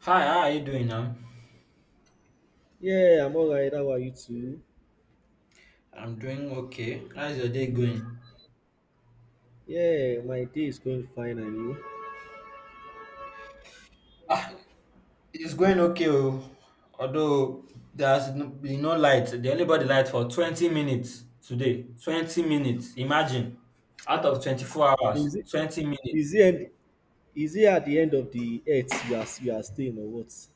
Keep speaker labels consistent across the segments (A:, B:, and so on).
A: Hi, how are you doing now?
B: Yeah, I'm all right. How are you too?
A: I'm doing okay. How's your day going?
B: Yeah, my day is going fine and you?
A: It's going okay. Oh, although there's been no light. They only brought the light for 20 minutes today. 20 minutes, imagine. Out of 24 hours,
B: Is it
A: 20 minutes.
B: is it end, is it at the end of the earth you are staying or what?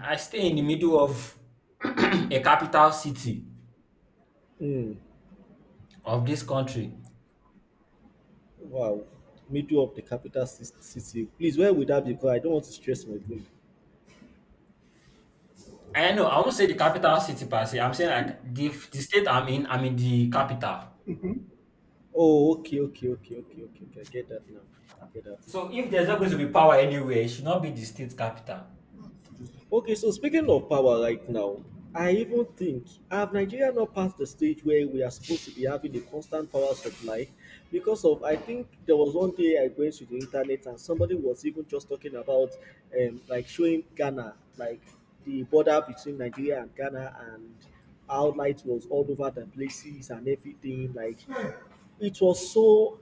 A: I stay in the middle of a capital city
B: Hmm.
A: of this country.
B: Wow. Middle of the capital city. Please, where would that be? Because I don't want to stress my brain.
A: I know, I won't say the capital city per se. I'm saying like the state I'm in the capital.
B: Oh, okay, okay, okay, okay, okay, okay. I get that now. I get that.
A: So if there's not going to be power anywhere, it should not be the state capital.
B: Okay, so speaking of power right now, I even think have Nigeria not passed the stage where we are supposed to be having a constant power supply because of I think there was one day I went to the internet and somebody was even just talking about like showing Ghana like the border between Nigeria and Ghana and how light was all over the places and everything, like, it was so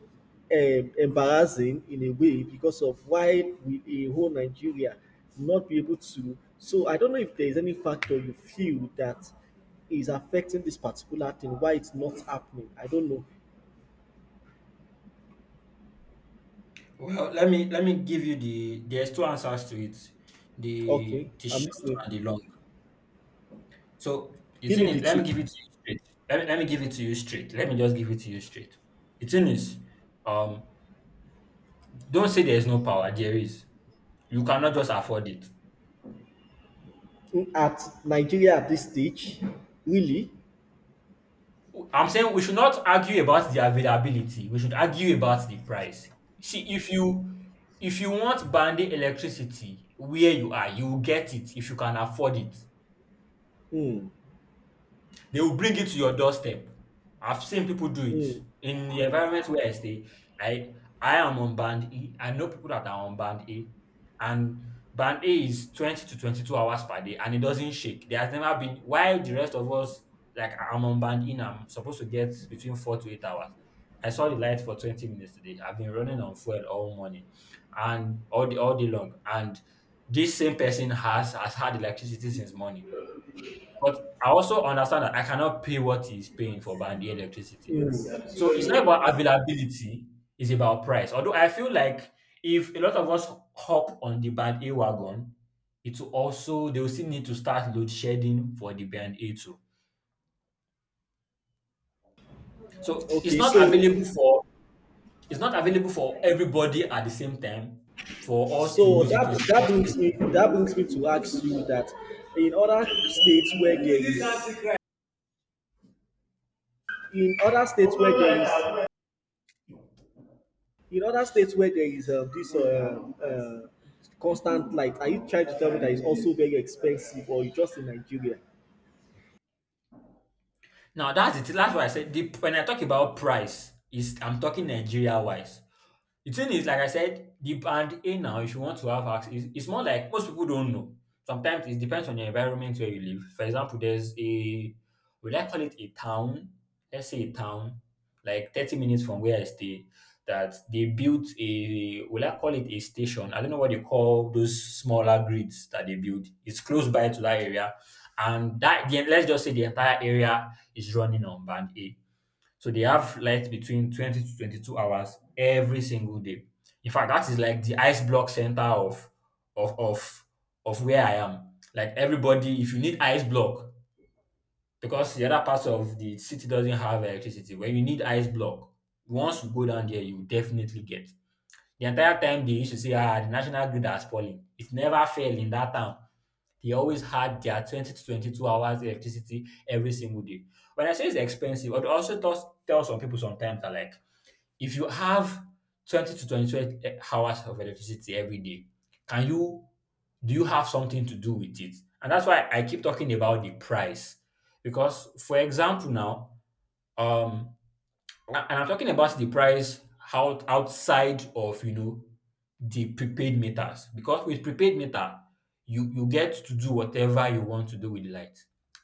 B: embarrassing in a way because of why we a whole Nigeria not be able to. So I don't know if there is any factor you feel that is affecting this particular thing, why it's not happening. I don't know.
A: Well, let me give you, there's two answers to it, the
B: Okay,
A: the
B: I'm
A: short
B: listening.
A: and the long. So the
B: Give
A: thing
B: me
A: is,
B: the
A: let me
B: two,
A: give it to
B: please.
A: you straight. Let me give it to you straight. Let me just give it to you straight. The thing is, um, don't say there is no power. There is. You cannot just afford it.
B: Mm, at Nigeria at this stage, really?
A: I'm saying we should not argue about the availability. We should argue about the price. See, if you want band electricity where you are, you will get it if you can afford it.
B: Hmm.
A: They will bring it to your doorstep. I've seen people do it
B: Hmm.
A: in the environment where I stay. I I am on band E. I know people that are on band A, and band A is 20 to 22 hours per day, and it doesn't shake. There has never been. While the rest of us, like I'm on band E, and I'm supposed to get between 4 to 8 hours. I saw the light for 20 minutes today. I've been running on fuel all morning, and all day long, and this same person has had electricity since morning, but I also understand that I cannot pay what he's paying for Bandi electricity.
B: Hmm.
A: So it's not about availability, it's about price. Although I feel like if a lot of us hop on the band A wagon, it will also they will still need to start load shedding for the band A too. So it's
B: Okay,
A: not
B: so.
A: available for it's not available for everybody at the same time for us to
B: So
A: use it
B: that that brings me
A: 24/7.
B: that brings me to ask you that in other states where there is in other states where there is this uh, constant light, are you trying to tell me that it's also very expensive or it's just in Nigeria?
A: Now that's it. That's why I said when I talk about price, is I'm talking Nigeria wise. The thing is, like I said, the band A now, if you want to have access, it's more like most people don't know. Sometimes it depends on your environment where you live. For example, there's will I call it a town? Let's say a town, like 30 minutes from where I stay, that they built will I call it a station? I don't know what they call those smaller grids that they build. It's close by to that area. And let's just say the entire area is running on band A. So they have light between 20 to 22 hours every single day. In fact, that is like the ice block center of of of where I am. Like everybody, if you need ice block, because the other parts of the city doesn't have electricity, when you need ice block, once you go down there, you definitely get. The entire time they used to say, ah, the national grid has fallen. It never fell in that town. They always had their 20 to 22 hours electricity every single day. When I say it's expensive, I also tell some people sometimes that, like, if you have 20 to 22 hours of electricity every day, can you, do you have something to do with it? And that's why I keep talking about the price. Because for example now, um, and I'm talking about the price outside of the prepaid meters, because with prepaid meter you get to do whatever you want to do with the light.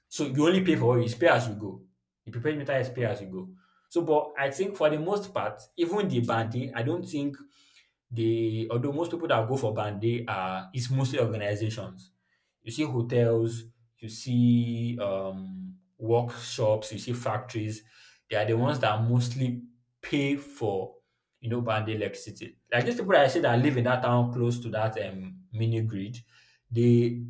A: So you only pay for what you it's pay as you go. The prepaid meter is pay as you go. So, but I think for the most part, even the banding, I don't think they although most people that go for band are it's mostly organizations. You see hotels, you see workshops, you see factories. They are the ones that mostly pay for band electricity. Like these people that I say that live in that town close to that mini grid, they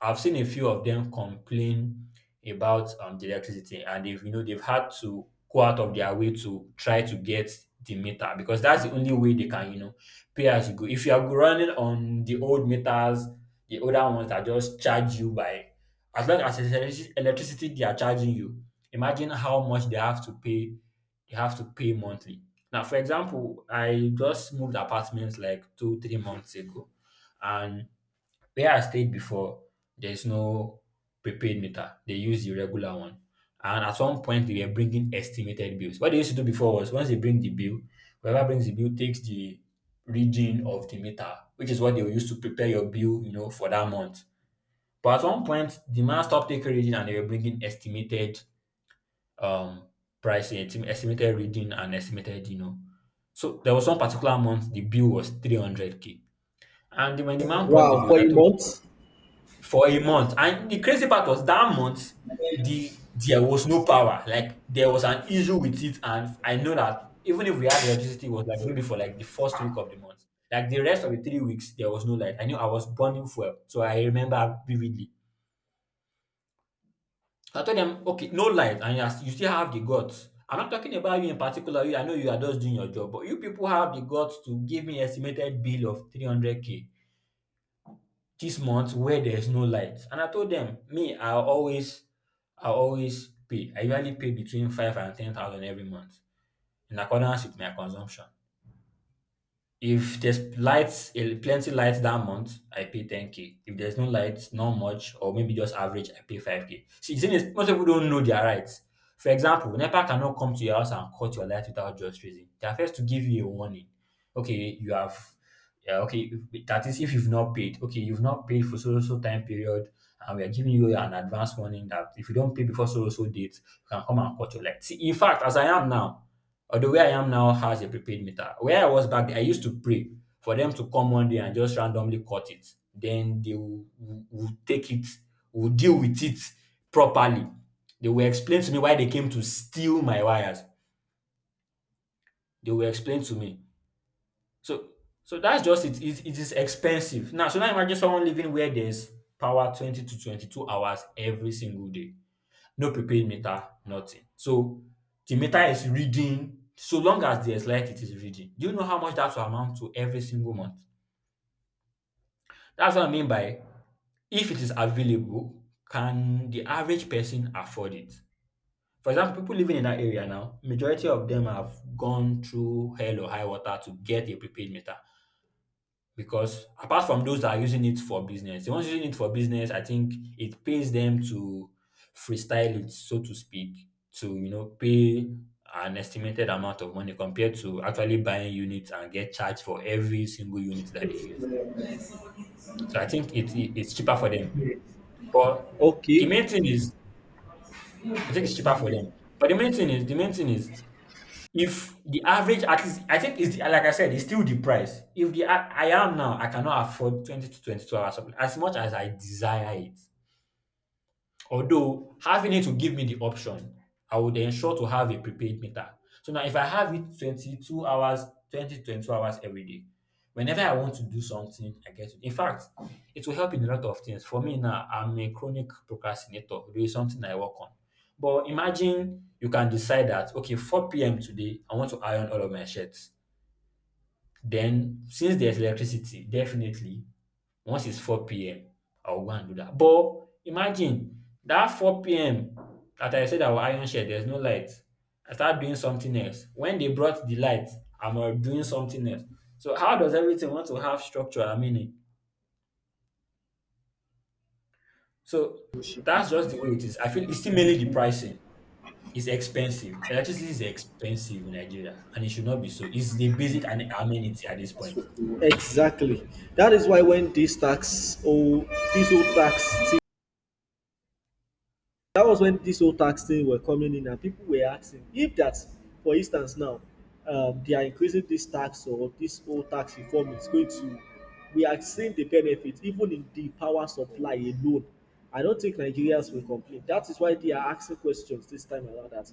A: I've seen a few of them complain about the electricity, and they've you know they've had to go out of their way to try to get the meter, because that's the only way they can pay as you go. If you are running on the old meters, the older ones that just charge you by as long as it's electricity they are charging you, imagine how much they have to pay monthly. Now, for example, I just moved apartments like two, 3 months ago. And where I stayed before, there's no prepaid meter. They use the regular one. And at one point, they were bringing estimated bills. What they used to do before was, once they bring the bill, whoever brings the bill takes the reading of the meter, which is what they used to prepare your bill, for that month. But at one point, the man stopped taking reading and they were bringing estimated um price, estimated reading and estimated. So there was one particular month the bill was 300K. And when the man brought the
B: Wow, for
A: bill, I
B: a
A: told.
B: month?
A: For a month. And the crazy part was, that month, there was no power. Like, there was an issue with it, and I know that even if we had electricity, it was like maybe for like the first week of the month. Like, the rest of the 3 weeks, there was no light. I knew I was burning fuel, so I remember vividly. So I told them, okay, no light, and you, you still have the guts. I'm not talking about you in particular. You, I know you are just doing your job, but you people have the guts to give me estimated bill of 300K. This month where there's no light. And I told them, me, I usually pay between five and ten thousand every month in accordance with my consumption. If there's lights, eh, plenty lights that month, I pay 10K. If there's no lights, not much, or maybe just average, I pay 5K. See, the thing is, most people don't know their rights. For example, NEPA cannot come to your house and cut your light without just reason. They are first to give you a warning. Okay, you have, yeah, okay, that is if you've not paid. Okay, you've not paid for so so time period, and we are giving you an advance warning that if you don't pay before so so date, you can come and cut your light. See, in fact, as I am now, although where I am now has a prepaid meter. Where I was back then, I used to pray for them to come one day and just randomly cut it. Then they will take it, will deal with it properly. They will explain to me why they came to steal my wires. They will explain to me. So that's just it. It is expensive. Now, so now imagine someone living where there's power 20 to 22 hours every single day, no prepaid meter, nothing. So the meter is reading; so long as there's light, it is reading. Do you know how much that will amount to every single month? That's what I mean by, if it is available, can the average person afford it? For example, people living in that area now, majority of them have gone through hell or high water to get a prepaid meter, because apart from those that are using it for business, the ones using it for business, I think it pays them to freestyle it, so to speak, to pay an estimated amount of money compared to actually buying units and get charged for every single unit that they use. So I think it's cheaper for them. But the
B: Okay,
A: main thing is, I think it's cheaper for them. But the main thing is, If the average artist I think it's the like I said, it's still the price. If the I am now, I cannot afford 20 to 22 hours of as much as I desire it. Although having it will give me the option, I would ensure to have a prepaid meter. So now if I have it 22 hours, twenty-twenty-two hours every day, whenever I want to do something, I get it. In fact, it will help in a lot of things. For me now, I'm a chronic procrastinator. There is something I work on. But imagine you can decide that, okay, 4 p.m. today, I want to iron all of my shirts. Then, since there's electricity, definitely once it's 4 p.m., I'll go and do that. But imagine that 4 p.m. that I said I will iron shirt, there's no light. I start doing something else. When they brought the light, I'm doing something else. So how does everything want to have structure and meaning? So that's just the way it is. I feel it's still mainly the pricing. It's expensive. Electricity is expensive in Nigeria, and it should not be so. It's the basic and amenity at this point.
B: exactly. That is why when this tax, oh, this old tax, that was when this whole tax thing were coming in and people were asking if that, for instance now, they are increasing this tax or this whole tax reform is going to, we are seeing the benefit even in the power supply alone, I don't think Nigerians will complain. That is why they are asking questions this time around, that,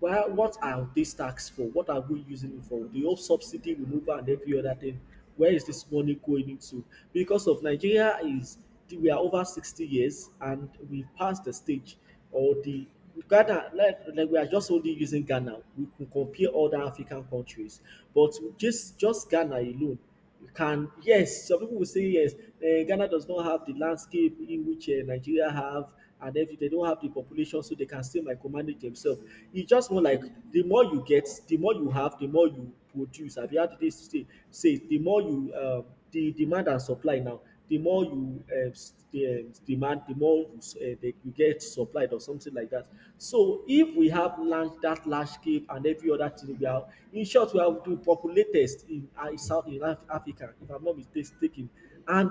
B: well, what are these tax for? What are we using it for? The whole subsidy removal and every other thing. Where is this money going into? Because of Nigeria is, we are over 60 years and we passed the stage, or the Ghana, like, we are just only using Ghana. We can compare other African countries, but just Ghana alone. You can, yes, some people will say, yes, Ghana does not have the landscape in which Nigeria have, and if they don't have the population, so they can still micromanage themselves. It's just more like, the more you get, the more you have, the more you produce. I've heard this say, the more you the demand and supply, now the more you demand, the more you that you get supplied or something like that. So if we have large, that landscape and every other thing we have, in short, we have the populatest in South in Africa, if I'm not mistaken, and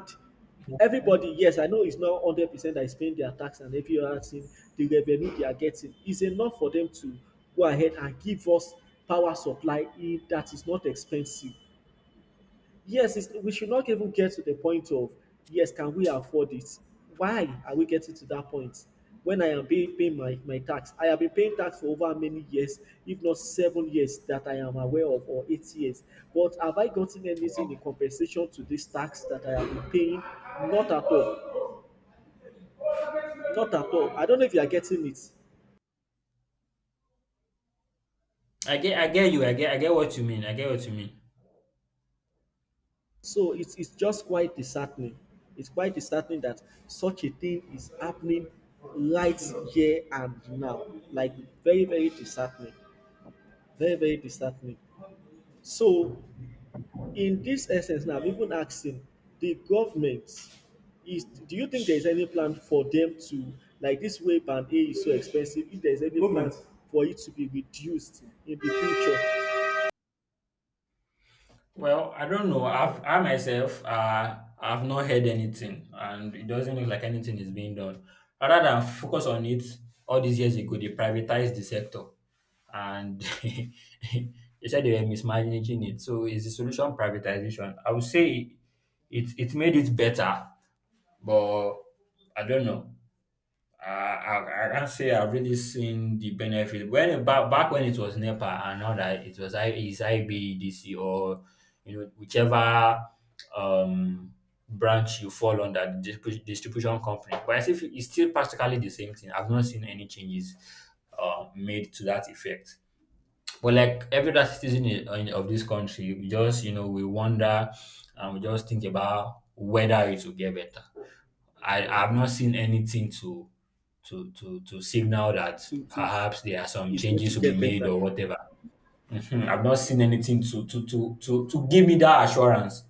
A: Mhm.
B: everybody, yes, I know it's not 100% that is paying their tax and every other thing, the revenue they are getting is enough for them to go ahead and give us power supply in that is not expensive. Yes, it's, we should not even get to the point of, yes, can we afford it? Why are we getting to that point? When I am paying, my tax, I have been paying tax for over many years, if not 7 years that I am aware of, or 8 years. But have I gotten anything in
A: Wow.
B: compensation to this tax that I have been paying? Not at all. Not at all. I don't know if you are getting it.
A: I get you. I get what you mean. I get what you mean.
B: So it's just quite disheartening. It's quite disheartening that such a thing is happening right here and now. Like, very, very disheartening. Very, very disheartening. So in this essence now, I'm even asking the government is, do you think there's any plan for them to, like, this way, band A is so expensive, if there's any plan moment for it to be reduced in the future.
A: Well, I don't know. I myself, I've not heard anything, and it doesn't look like anything is being done. Rather than focus on it, all these years ago, they privatized the sector, and they said they were mismanaging it. So, is the solution privatization? I would say it made it better, but I don't know. I can't say I've really seen the benefit. When it- back back when it was NEPA, and now that it was I is IBEDC, or whichever um branch you fall under, the distribution company. But I see it's still practically the same thing. I've not seen any changes made to that effect. But like every other citizen of this country, we just you know we wonder, and we just think about whether it will get better. I've not seen anything to signal that
B: To
A: perhaps there are some
B: it's going to
A: changes to be
B: get
A: made
B: better.
A: or whatever. Mhm. I've not seen anything to give me that assurance.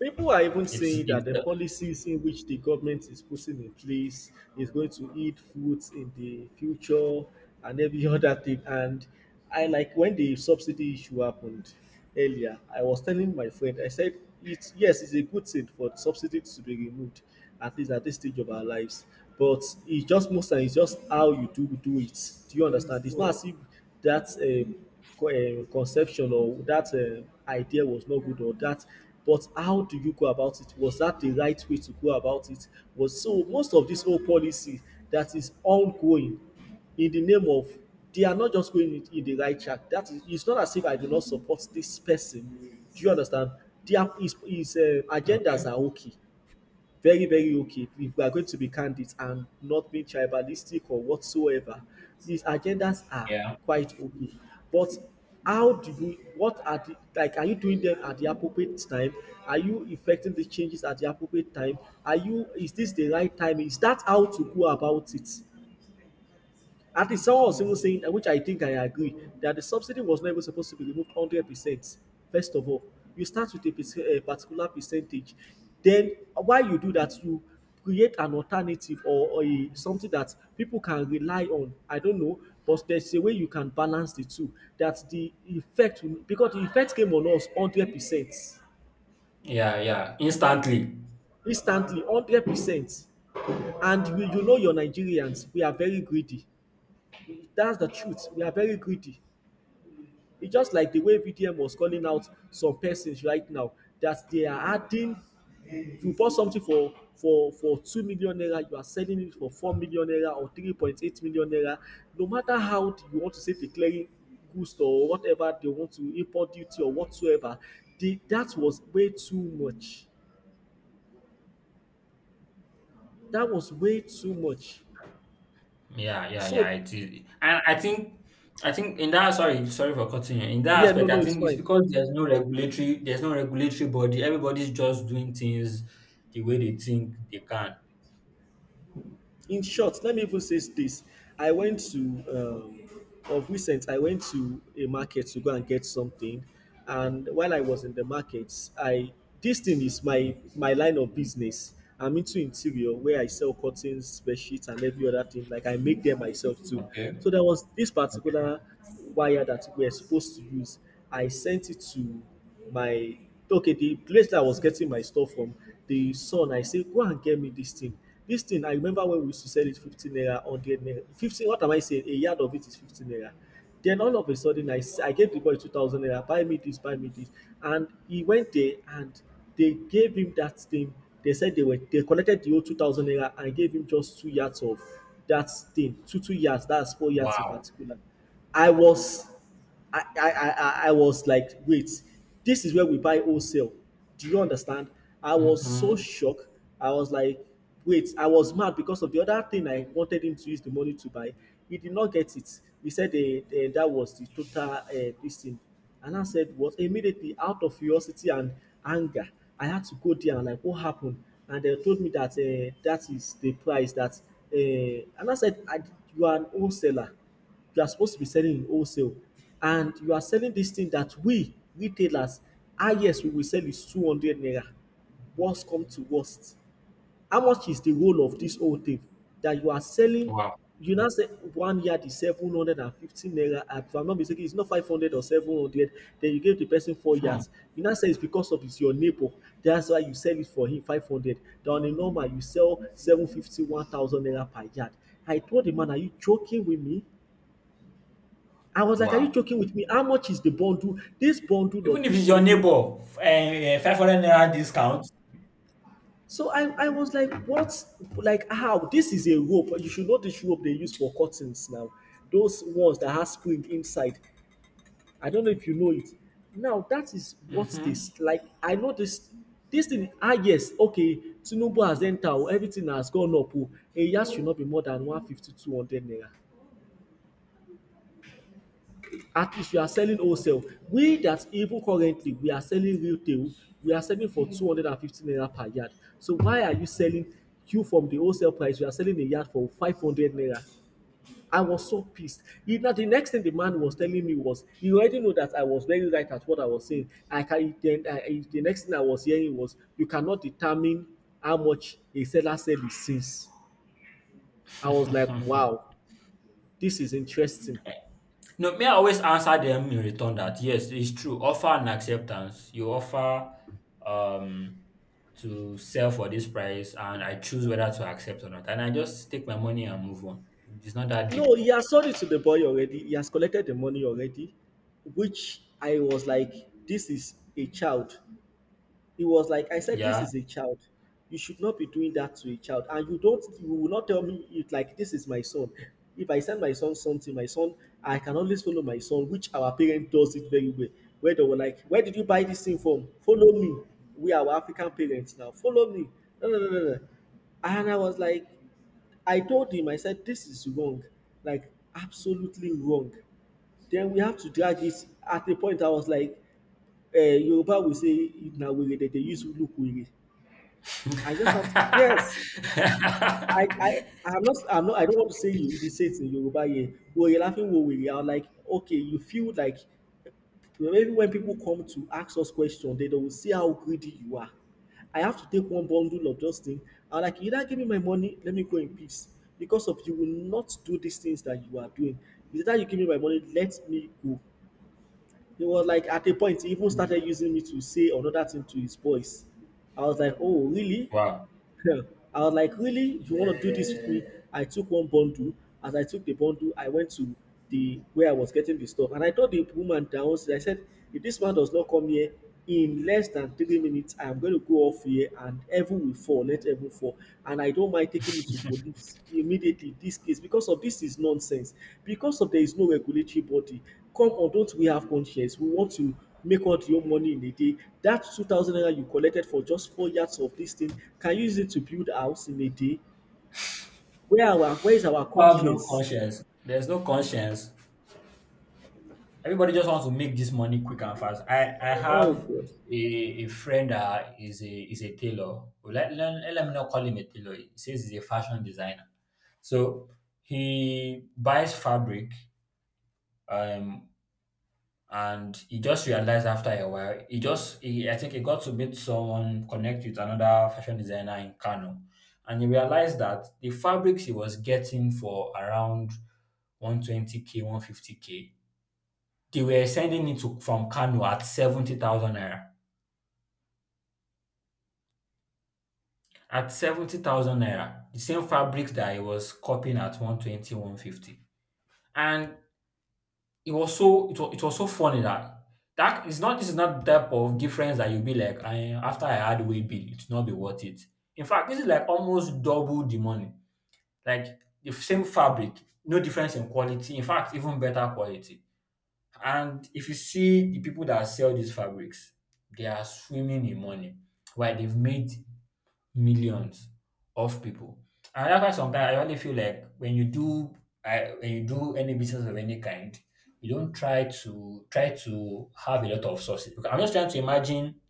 B: People are even
A: It's
B: saying
A: it's
B: that the
A: the,
B: policies in which the government is putting in place is going to eat fruits in the future and every other thing. And I, like, when the subsidy issue happened earlier, I was telling my friend, I said, yes, it's a good thing for subsidy to be removed, at least at this stage of our lives. But it's just most times, it's just how you do it. Do you understand? It's not as if that. Um, Conception or that idea was not good, or that, but how do you go about it, was that the right way to go about it? Was so most of this whole policy that is ongoing in the name of, they are not just going in the right track. That is, it's not as if I do not support this person. Do you understand? Their, his agendas
A: okay.
B: are okay. Very, very okay. If we are going to be candid and not being tribalistic or whatsoever, these agendas are
A: Yeah.
B: quite okay. But, how do you, what are the, like, are you doing them at the appropriate time? Are you effecting the changes at the appropriate time? Are you, is this the right time? Is that how to go about it? At least someone was even saying, which I think I agree, that the subsidy was not even supposed to be removed 100%. First of all, you start with a, a particular percentage. Then, while you do that, you create an alternative, or something that people can rely on. I don't know, but there's a way you can balance the two. That the effect, because the effect came on us 100%,
A: Yeah, yeah. Instantly.
B: instantly 100%. And we, your Nigerians, we are very greedy. That's the truth. We are very greedy. It's just like the way VDM was calling out some persons right now, that they are adding. If you bought something for 2 million naira, you are selling it for 4 million naira, or 3.8 million naira. No matter how you want to say declaring goods or whatever, they want to import duty or whatsoever, that was way too much. That was way too much.
A: Yeah, yeah, yeah.
B: So,
A: It is, and I think in that sorry, sorry for cutting you. In that
B: yeah, no,
A: aspect,
B: no,
A: I
B: it's
A: think it's
B: fine.
A: because there's no regulatory body. Everybody's just doing things the way they think they can.
B: In short, let me even say this. I went to um of recent, I went to a market to go and get something, and while I was in the market, I this thing is my line of business. I'm into interior, where I sell curtains, bed sheets, and every other thing. Like, I make them myself too.
A: Okay.
B: So there was this particular wire that we are supposed to use. I sent it to my okay, the place that I was getting my stuff from, the son, I say, go and get me this thing. This thing, I remember when we used to sell it 15 naira, 100 naira, 15, what am I saying, a yard of it is 15 naira. Then, all of a sudden, I gave the boy 2000 naira, buy me this, buy me this. And he went there, and they gave him that thing. They said they collected the old 2000 naira, and gave him just 2 yards of that thing. Two yards, that's 4 yards in
A: Wow.
B: particular. I was, I was like, wait, this is where we buy wholesale. Do you understand? I was so
A: Hmm.
B: shocked. I was like, wait, I was mad because of the other thing I wanted him to use the money to buy. He did not get it. He said, that was the total this thing. And I said, what? Immediately, out of curiosity and anger, I had to go there and, like, what happened? And they told me that, that is the price that. And I said, you are an wholesaler, you are supposed to be selling in wholesale, and you are selling this thing that we retailers, ah, yes, we will sell is 200 naira. Worst come to worst, how much is the role of this whole thing that you are selling?
A: Wow.
B: You now say 1 yard is 750 naira, and if I'm not mistaken, it's not 500 or 700. Then you give the person four
A: Hmm.
B: yards You now say it's because of it's your neighbor, that's why you sell it for him 500, then on a normal you sell seven fifty, one thousand naira per yard. I told the man, are you joking with me? I was like, are you
A: Wow.
B: joking with me? How much is the bundle? This bundle
A: Even
B: of
A: if
B: this
A: it's your
B: whole thing.
A: neighbor, 500 naira discount.
B: So I was like, what? Like, how? This is a rope. You should know this rope they use for curtains now. Those ones that have spring inside. I don't know if you know it. Now, that is what
A: Mhm.
B: this, like, I know this. This thing, yes, okay, Tinubu has entered, everything has gone up. Oh, a yard should not be more than one fifty two hundred naira. At least you are selling wholesale. We that even currently we are selling retail, we are selling for 250 naira per yard. So why are you selling you from the wholesale price? You are selling a yard for 500 naira. I was so pissed. You know, the next thing the man was telling me was, you already know that I was very right at what I was saying. I can then I, the next thing I was hearing was, you cannot determine how much a seller sell is since. I was like, wow, this is interesting.
A: No, me, I always answer them in return that yes, it's true. Offer and acceptance. You offer um to sell for this price, and I choose whether to accept or not. And I just take my money and move on. It's not that deep.
B: No, he has sold it to the boy already. He has collected the money already, which I was like, this is a child. He was like, I said, this
A: Yeah.
B: is a child. You should not be doing that to a child. And you will not tell me it like this is my son. If I send my son something, my son, I can always follow my son, which our parent does it very well. Where they were like, where did you buy this thing from? Follow me. We are our African parents now. Follow me. No, no, no, no, no. And I was like, I told him, I said, this is wrong, like absolutely wrong. Then we have to drag it. At a point, I was like, Yoruba will say, na were that they use look were. I just have to, yes, I, I'm not, I don't want to say you, the say it in Yoruba here. Were laughing, were I was like, okay, you feel like maybe when people come to ask us questions, they will see how greedy you are. I have to take one bundle of those things. I'm like, either give me my money, let me go in peace. Because of you will not do these things that you are doing. Either you give me my money, let me go. He was like, at a point, he even started using me to say another thing to his boys. I was like, oh, really?
A: Wow.
B: Yeah. I was like, really? You want to do this with me? I took one bundle. As I took the bundle, I went to the where I was getting the stuff, and I told the woman downstairs. I said, if this man does not come here in less than 3 minutes, I am going to go off here, and everyone will fall. Let everyone fall, and I don't mind taking you to police immediately. This case because of this is nonsense. Because of there is no regulatory body. Come on, don't we have conscience? We want to make out your money in a day. That 2,000 naira you collected for just 4 yards of this thing, can you use it to build house in a day? Where is our
A: People have no
B: conscience?
A: conscience. There's no conscience. Everybody just wants to make this money quick and fast. I
B: Oh
A: have
B: God.
A: a friend that is a tailor. Well, let me not call him a tailor. He says he's a fashion designer. So he buys fabric, um, and he just realized after a while. I think he got to meet someone, connect with another fashion designer in Kano, and he realized that the fabrics he was getting for around 120K, 150K, they were sending it to from Kano at 70,000 naira. At 70,000 naira, the same fabrics that he was copying at one twenty one fifty. And it was so funny that that is not this is not the type of difference that you'll be like, after I had way bill, it will not be worth it. In fact, this is like almost double the money. Like, the same fabric, no difference in quality. In fact, even better quality. And if you see the people that sell these fabrics, they are swimming in money. Why, they've made millions of people. And that's why sometimes I really feel like when you do when you do any business of any kind, you don't try to have a lot of sources. Because I'm just trying to imagine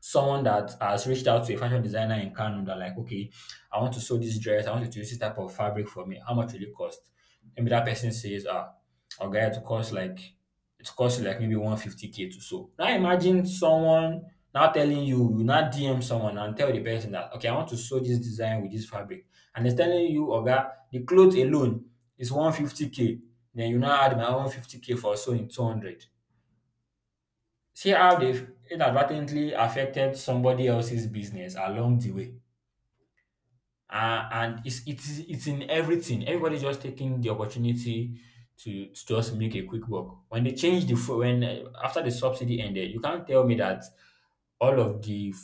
A: someone that has reached out to a fashion designer in Kano that, like, okay, I want to sew this dress, I want you to use this type of fabric for me. How much will it cost? Maybe that person says, ah, okay, it costs you like maybe 150K to sew. Now imagine someone now telling you, you now DM someone and tell the person that okay, I want to sew this design with this fabric, and they're telling you, Oga, the clothes alone is 150K. Then you now add my own 50K for sewing 200. See how they've inadvertently affected somebody else's business along the way. And it's in everything. Everybody's just taking the opportunity to just make a quick buck. When they changed the fu- when after the subsidy ended, you can't tell me that all of the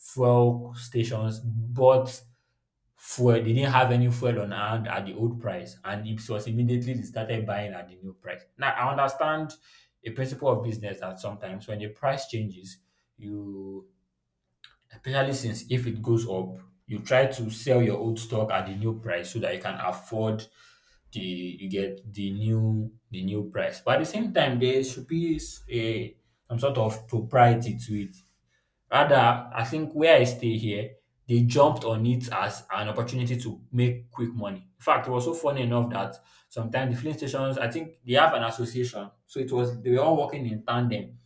A: fuel stations bought fuel. They didn't have any fuel on hand at the old price, and it was immediately they started buying at the new price. Now, I understand a principle of business that sometimes when the price changes, you, especially since if it goes up, you try to sell your old stock at the new price so that you can afford the you get the new price. But at the same time, there should be s- a some sort of propriety to it. Rather, I think where I stay here, they jumped on it as an opportunity to make quick money. In fact, it was so funny enough that sometimes the filling stations, I think they have an association. So it was they were all working in tandem.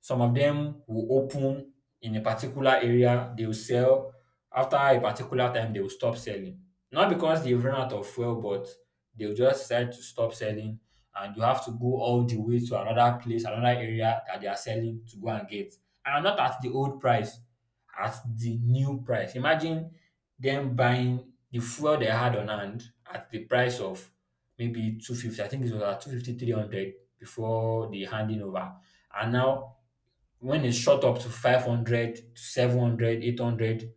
A: Some of them will open in a particular area, they will sell. After a particular time, they will stop selling. Not because they've run out of fuel, but they'll just decide to stop selling, and you have to go all the way to another place, another area that they are selling to go and get. And not at the old price, at the new price. Imagine them buying the fuel they had on hand at the price of maybe 250. I think it was at two fifty three hundred before the handing over. And now when it's shot up to 500, to 700, 800, 800,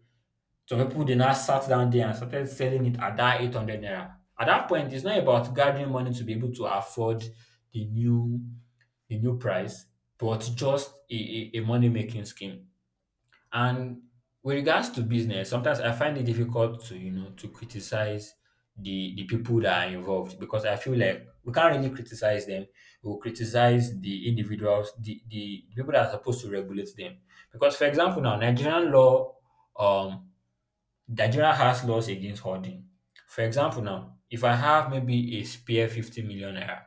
A: some people they now sat down there and started selling it at that 800 naira. At that point, it's not about gathering money to be able to afford the new the new price, but just a money making scheme. And with regards to business, sometimes I find it difficult to you know to criticize the people that are involved, because I feel like we can't really criticize them. We'll criticize the individuals, the people that are supposed to regulate them. Because, for example, now Nigerian law, um, Nigeria has laws against hoarding. For example, now if I have maybe a spare 50 million naira,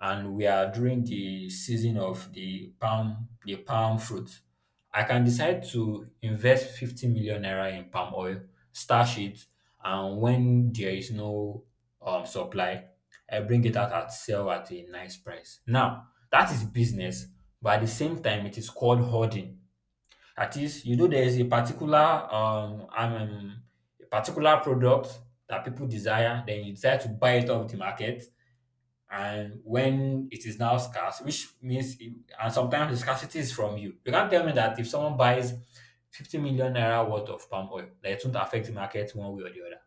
A: and we are during the season of the palm fruit. I can decide to invest 50 million naira in palm oil, stash it, and when there is no supply, I bring it out at sell at a nice price. Now, that is business, but at the same time, it is called hoarding. That is, there is a particular product that people desire, then you decide to buy it off the market, and when it is now scarce, which means, and sometimes the scarcity is from you. You can't tell me that if someone buys 50 million naira worth of palm oil, that it won't affect the market one way or the other.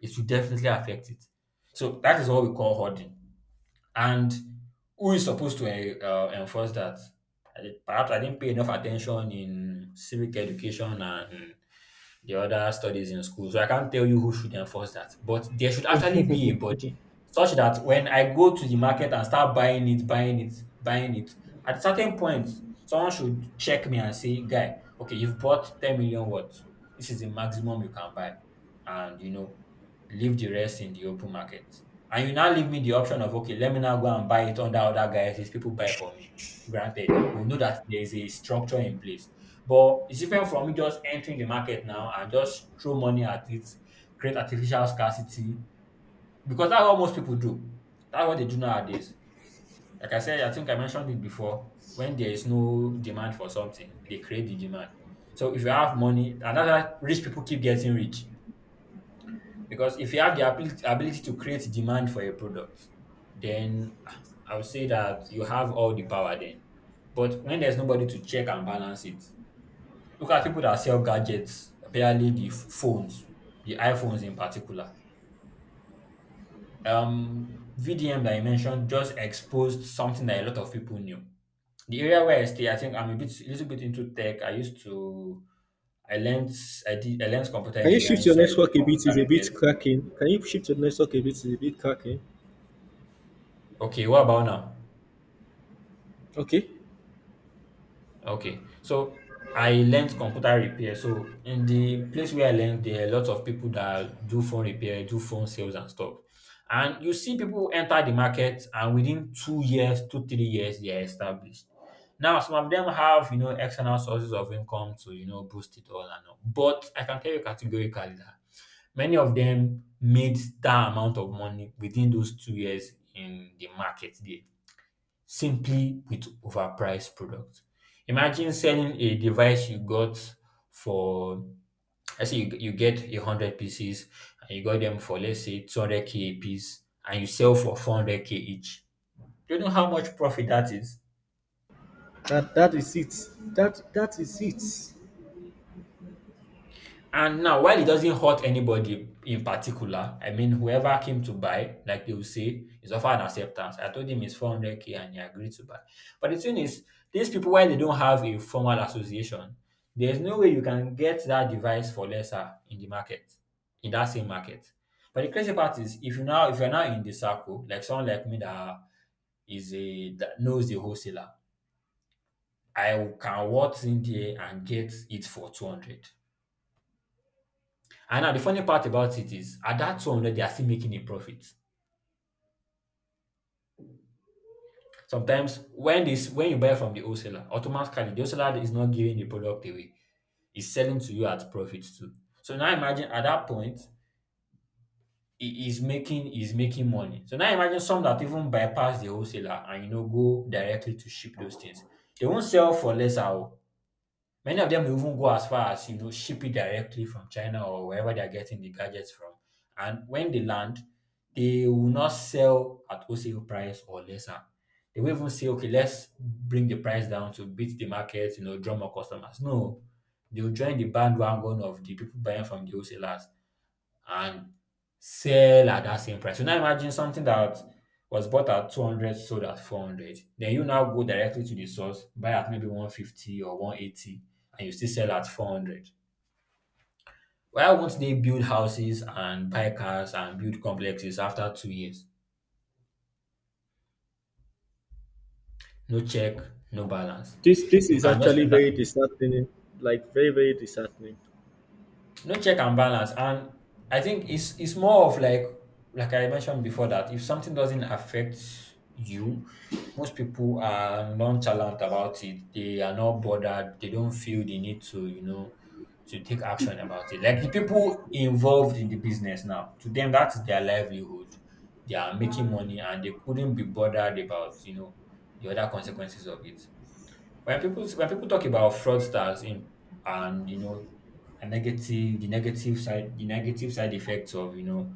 A: It will definitely affect it. So that is what we call hoarding. And who is supposed to enforce that? Perhaps I didn't pay enough attention in civic education and the other studies in school. So I can't tell you who should enforce that. But there should actually be a body such that when I go to the market and start buying it, buying it, buying it, at a certain point, someone should check me and say, guy, okay, you've bought 10 million worth. This is the maximum you can buy. And leave the rest in the open market. And you now leave me the option of okay, let me now go and buy it under other guys, these people buy for me. Granted, we know that there is a structure in place. But it's different from me just entering the market now and just throw money at it, create artificial scarcity, because that's what most people do. That's what they do nowadays. Like I said, I think I mentioned it before. When there is no demand for something, they create the demand. So if you have money, and that's why rich people keep getting rich, because if you have the ability to create demand for a product, then I would say that you have all the power then. But when there's nobody to check and balance it, look at people that sell gadgets, barely the phones, the iPhones in particular. VDM that you mentioned just exposed something that a lot of people knew. The area where I stay, I think I'm a little bit into tech. I used to, I learned, I did, I learned computer
B: Can you shift
A: engineering,
B: your
A: so I do
B: network a bit? It's
A: computer
B: a
A: repairs.
B: bit cracking. Can you shift your network a bit? It's a bit cracking.
A: Okay, what about now?
B: Okay.
A: Okay. So I learned computer repair. So in the place where I learned, there are a lot of people that do phone repair, do phone sales and stuff. And you see people enter the market and within 2 years, two, 3 years, they are established. Now, some of them have, you know, external sources of income to, you know, boost it all and all. But I can tell you categorically that many of them made that amount of money within those 2 years in the market there simply with overpriced product. Imagine selling a device you got for, let's say you get a hundred pieces and you got them for, let's say, 200k a piece, and you sell for 400k each. Do you know how much profit that is?
B: That is it. That is it.
A: And now, while it doesn't hurt anybody in particular, I mean, whoever came to buy, like they will say, is offer an acceptance. I told him it's 400k and he agreed to buy. But the thing is, these people, while they don't have a formal association, there's no way you can get that device for lesser in the market, in that same market. But the crazy part is, if you're now in the circle, like someone like me that is a that knows the wholesaler, I can waltz in there and get it for 200. And now the funny part about it is at that 200, they are still making a profit. Sometimes when you buy from the wholesaler, automatically the wholesaler is not giving the product away. He's selling to you at profit too. So now imagine at that point, he is making money. So now imagine some that even bypass the wholesaler and, you know, go directly to ship those things. They won't sell for less out. Many of them even go as far as, you know, ship it directly from China or wherever they're getting the gadgets from. And when they land, they will not sell at wholesale price or lesser. They will even say, okay, let's bring the price down to beat the market, you know, draw more customers. No, they'll join the bandwagon of the people buying from the wholesalers and sell at that same price. So now imagine something that was bought at 200 sold at 400. Then you now go directly to the source, buy at maybe 150 or 180, and you still sell at 400. Why won't they build houses and buy cars and build complexes after 2 years? No check, no balance.
B: This
A: You
B: is
A: can just
B: actually
A: enter.
B: very disheartening. Like very, very disheartening.
A: No check and balance. And I think it's more of, like I mentioned before, that if something doesn't affect you, most people are nonchalant about it. They are not bothered. They don't feel the need to, you know, to take action about it. Like the people involved in the business now, to them that's their livelihood. They are making money and they couldn't be bothered about, you know, the other consequences of it. When people talk about fraudsters in, and you know, a negative the negative side, the negative side effects of, you know,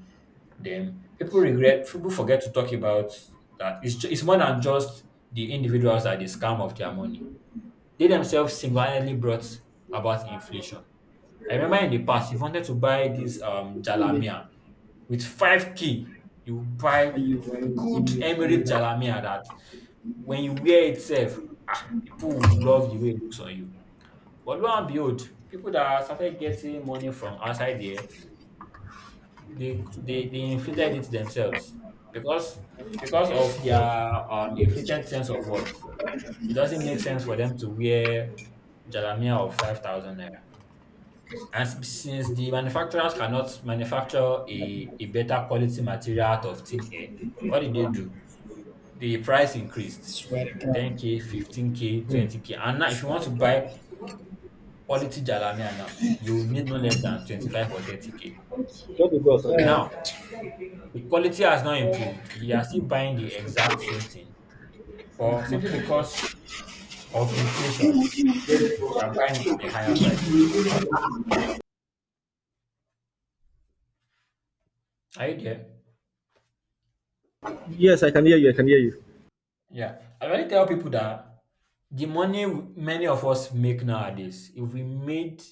A: them, people forget to talk about that. It's more than just the individuals that they scam of their money. They themselves single-handedly brought about inflation. I remember in the past, if you wanted to buy this
B: Really?
A: jalamia, with 5K, you
B: Are
A: buy
B: you, are
A: good
B: you,
A: Emirates
B: are
A: Jalamiah that when you wear itself, ah, people will love the way it looks on you. But lo and behold, people that started getting money from outside there, they inflated it themselves because of their inflated sense of worth. It doesn't make sense for them to wear Jalamiah of 5,000 naira. And since the manufacturers cannot manufacture a better quality material out of thin air, what did they
B: you,
A: do? The price increased.
B: swear to God.
A: 10k, 15k,
B: Hmm.
A: 20k. And now, if you
B: Swear
A: want
B: to
A: to
B: God.
A: buy quality Jalamia now, you need no less than 25 or 30k.
B: Just because.
A: Now, the quality has not improved. You are still buying the exact same thing, but simply because of inflation, you are buying at a higher price. Are you there?
B: Yes, I can hear you. I can hear you.
A: Yeah. I already tell people that the money many of us make nowadays,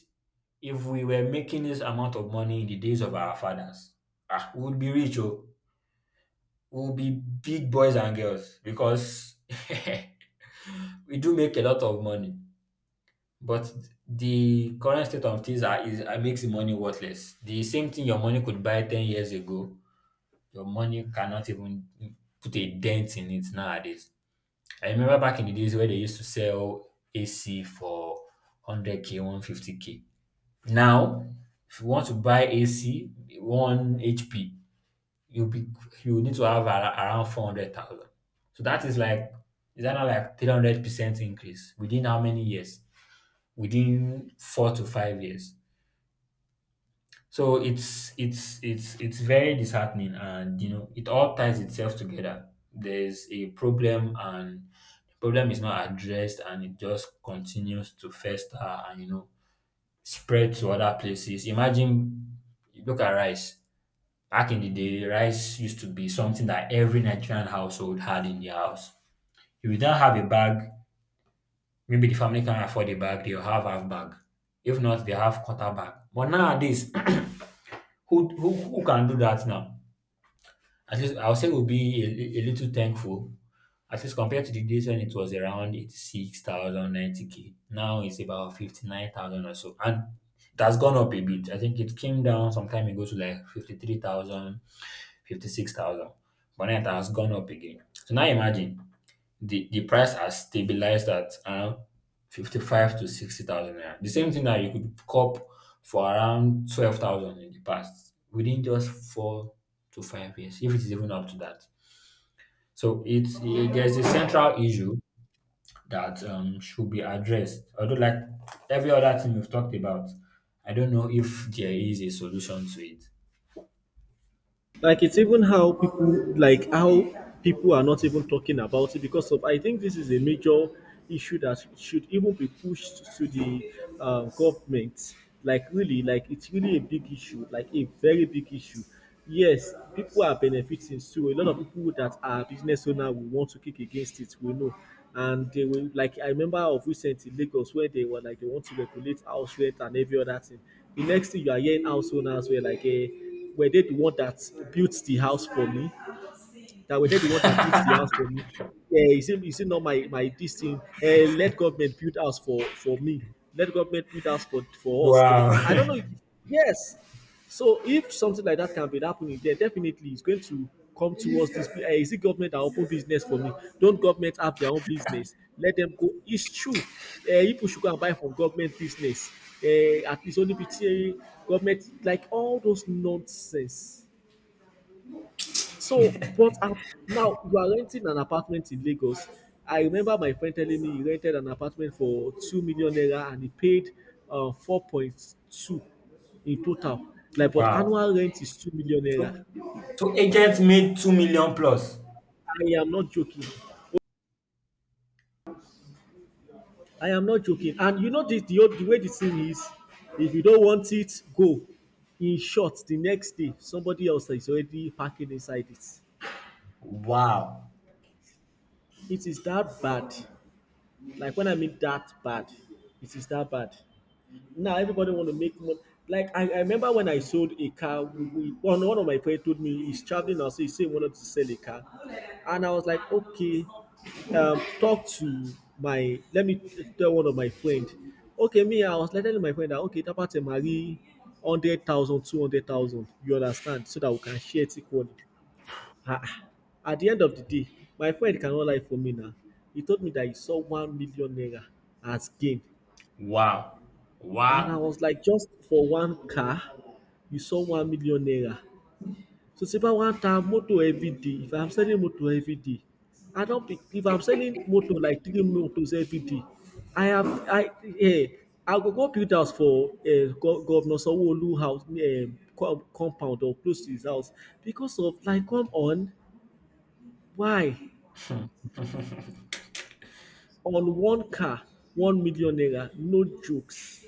A: if we were making this amount of money in the days of our fathers, ah, we would be rich, oh, we would be big boys and girls because we do make a lot of money. But the current state of things is, makes the money worthless. The same thing your money could buy 10 years ago, your money cannot even put a dent in it nowadays. I remember back in the days where they used to sell AC for 100k, 150k. Now, if you want to buy AC 1 HP, you'll be you need to have around 400,000. So that is like, is that not like 300% increase within how many years? Within 4 to 5 years. So it's very disheartening, and you know it all ties itself together. There's a problem, and the problem is not addressed, and it just continues to fester and, you know, spread to other places. Imagine, look at rice. Back in the day, rice used to be something that every Nigerian household had in their house. If you don't have a bag, maybe the family can't afford a bag. They'll have half bag. If not, they have quarter bag. But nowadays, who can do that now? At least I'll say we'll be a little thankful. At least compared to the days when it was around 86,000, 90k. Now it's about 59,000 or so. And it has gone up a bit. I think it came down some time ago to like 53,000, 56,000. But now it has gone up again. So now imagine the price has stabilized at around 55 to 60,000 naira. The same thing that you could cop for around 12,000 in the past within just 4 to 5 years, if it's even up to that. So it's eh, there's a central issue that, should be addressed. Although, like every other thing we've talked about, I don't know if there is a solution to it.
B: Like it's even how people, like, how people are not even talking about it because of I think this is a major issue that should even be pushed to the government. Like really, like it's really a big issue, like a very big issue. Yes, people are benefiting, so a lot of people that are business owner will want to kick against it, we know. And they will, like, I remember of recent in Lagos where they were like they want to regulate house rent and every other thing. The next thing you are hearing, house owners were like, eh, were they the one that built the house for me? That were they the one that built the house for me. Yeah, is it not my this thing? Eh, let government build house for me. Let government build house for us.
A: Wow.
B: I don't know. Yes. So if something like that can be happening, then definitely it's going to come towards this. Eh, is it government that open business for me? Don't government have their own business? Let them go. It's true. Eh, people should go and buy from government business. Eh, at least only between government, like, all those nonsense. So, but at now you are renting an apartment in Lagos. I remember my friend telling me he rented an apartment for 2 million naira and he paid 4.2 in total. Like, but
A: Wow.
B: annual rent is 2 million naira.
A: So, so agents made 2 million plus.
B: I am not joking. I am not joking. And you know the way the thing is, if you don't want it, go. In short, the next day somebody else is already parking inside it.
A: Wow.
B: It is that bad. Like when I mean that bad, it is that bad. Now everybody want to make money. Like I remember when I sold a car, we, one one of my friends told me he's traveling now, so he said he wanted to sell a car, and I was like, okay, talk to my let me tell one of my friend. Okay, me, I was like telling my friend that okay, Tapate Marie, 100,000, 200,000. You understand, so that we can share it equally. Ah, ah. At the end of the day, my friend cannot lie for me now. He told me that he saw 1 million naira as gain.
A: Wow.
B: And I
A: Wow.
B: was like, just for one car, you saw 1 million naira. So it's about one time motor every day. If I'm selling motor every day, I don't be, if I'm selling motor like three motors every day, I have I eh, I go build house for Governor Sanwo-Olu house, compound or close to his house. Because of like come on, why on one car 1 million naira? No jokes.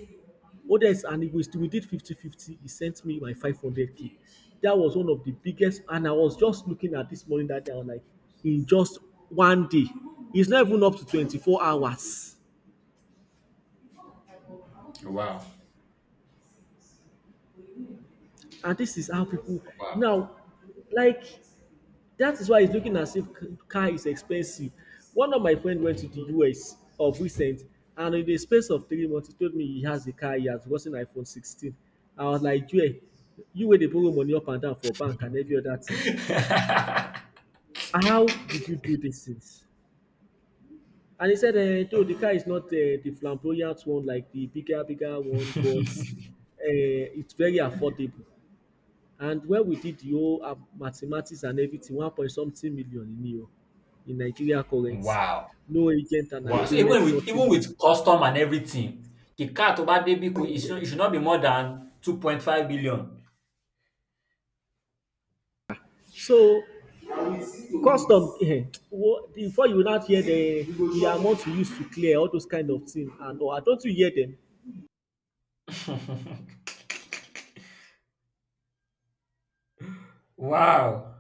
B: Modest and it was we did fifty fifty. He sent me my 500K. That was one of the biggest, and I was just looking at this money that day. I was like, in just one day, it's not even up to 24 hours.
A: Wow.
B: And this is how people
A: Wow.
B: now, like, that is why it's looking as if car is expensive. One of my friends went to the US of recent, and in the space of 3 months, he told me he has a car. He has gotten iPhone 16. I was like, yeah, you wey dey borrow money up and down for bank and every other thing. How did you do these things? And he said, though the car is not the flamboyant one, like the bigger, bigger one, but it's very affordable. And when we did the whole mathematics and everything, one point something million in euro, in Nigeria currency.
A: Wow.
B: No agent and
A: Wow. So
B: agreement,
A: even with
B: nothing, nothing.
A: custom and everything, the car to buy baby it should, it should not be more than 2.5 billion.
B: So, custom, eh, before you not hear the amount you used to clear, all those kind of things, and oh, I don't you hear them.
A: Wow.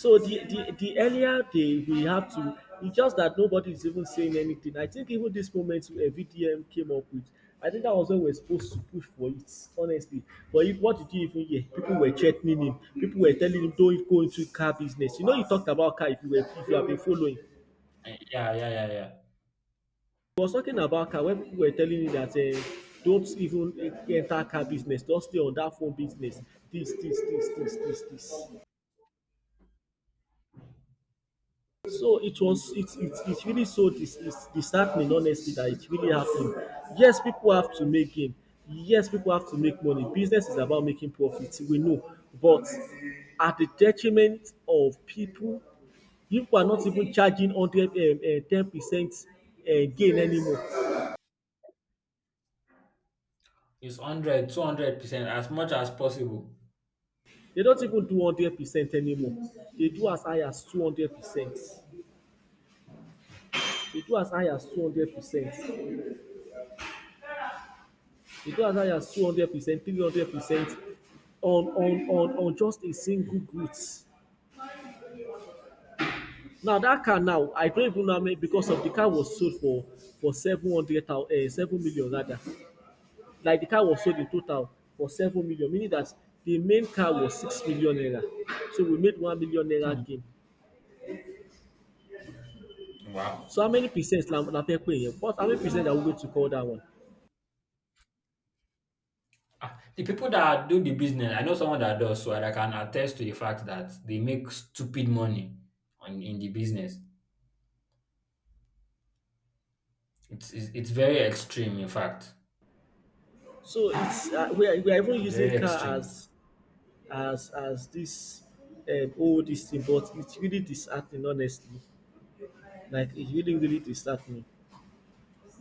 B: So the earlier they we have to, it's just that nobody is even saying anything. I think even this moment VDM came up with, I think that was when we are supposed to push for it, honestly. But if, what did you even hear? People were threatening him. People were telling him, don't go into car business. You know, you talked about car if you were if you have been following. He
A: Eh, yeah, yeah, yeah, yeah.
B: was talking about car when people were telling him that don't even enter car business, don't stay on that phone business. This, this, this, this, this, this. So it was it it it really so dis it's disheartening honestly that it really happened. Yes, people have to make gain. Yes, people have to make money. Business is about making profit, we know. But at the detriment of people, people are not even charging hundred 10% gain anymore.
A: It's 100, 200% as much as possible.
B: They don't even do 100% anymore. They do as high as 200%. They do as high as 200%. You go as high as 200%, 300% on just a single goods. Now that car now, I don't even know how many, because of the car was sold for 700,000, 7 million rather. Like the car was sold in total for 7 million, meaning that the main car was 6 million naira. So we made 1 million naira
A: Hmm.
B: gain.
A: Wow.
B: So how many percent la fẹ́ pè yẹn? What How many percent are we going to call that one?
A: Ah, the people that do the business, I know someone that does, so I can attest to the fact that they make stupid money in the business. It's very extreme, in fact.
B: So it's we are even
A: It's
B: using
A: very
B: car
A: extreme.
B: as as this, whole this thing, but it's really disheartening, honestly. Like it's really, really disheartening.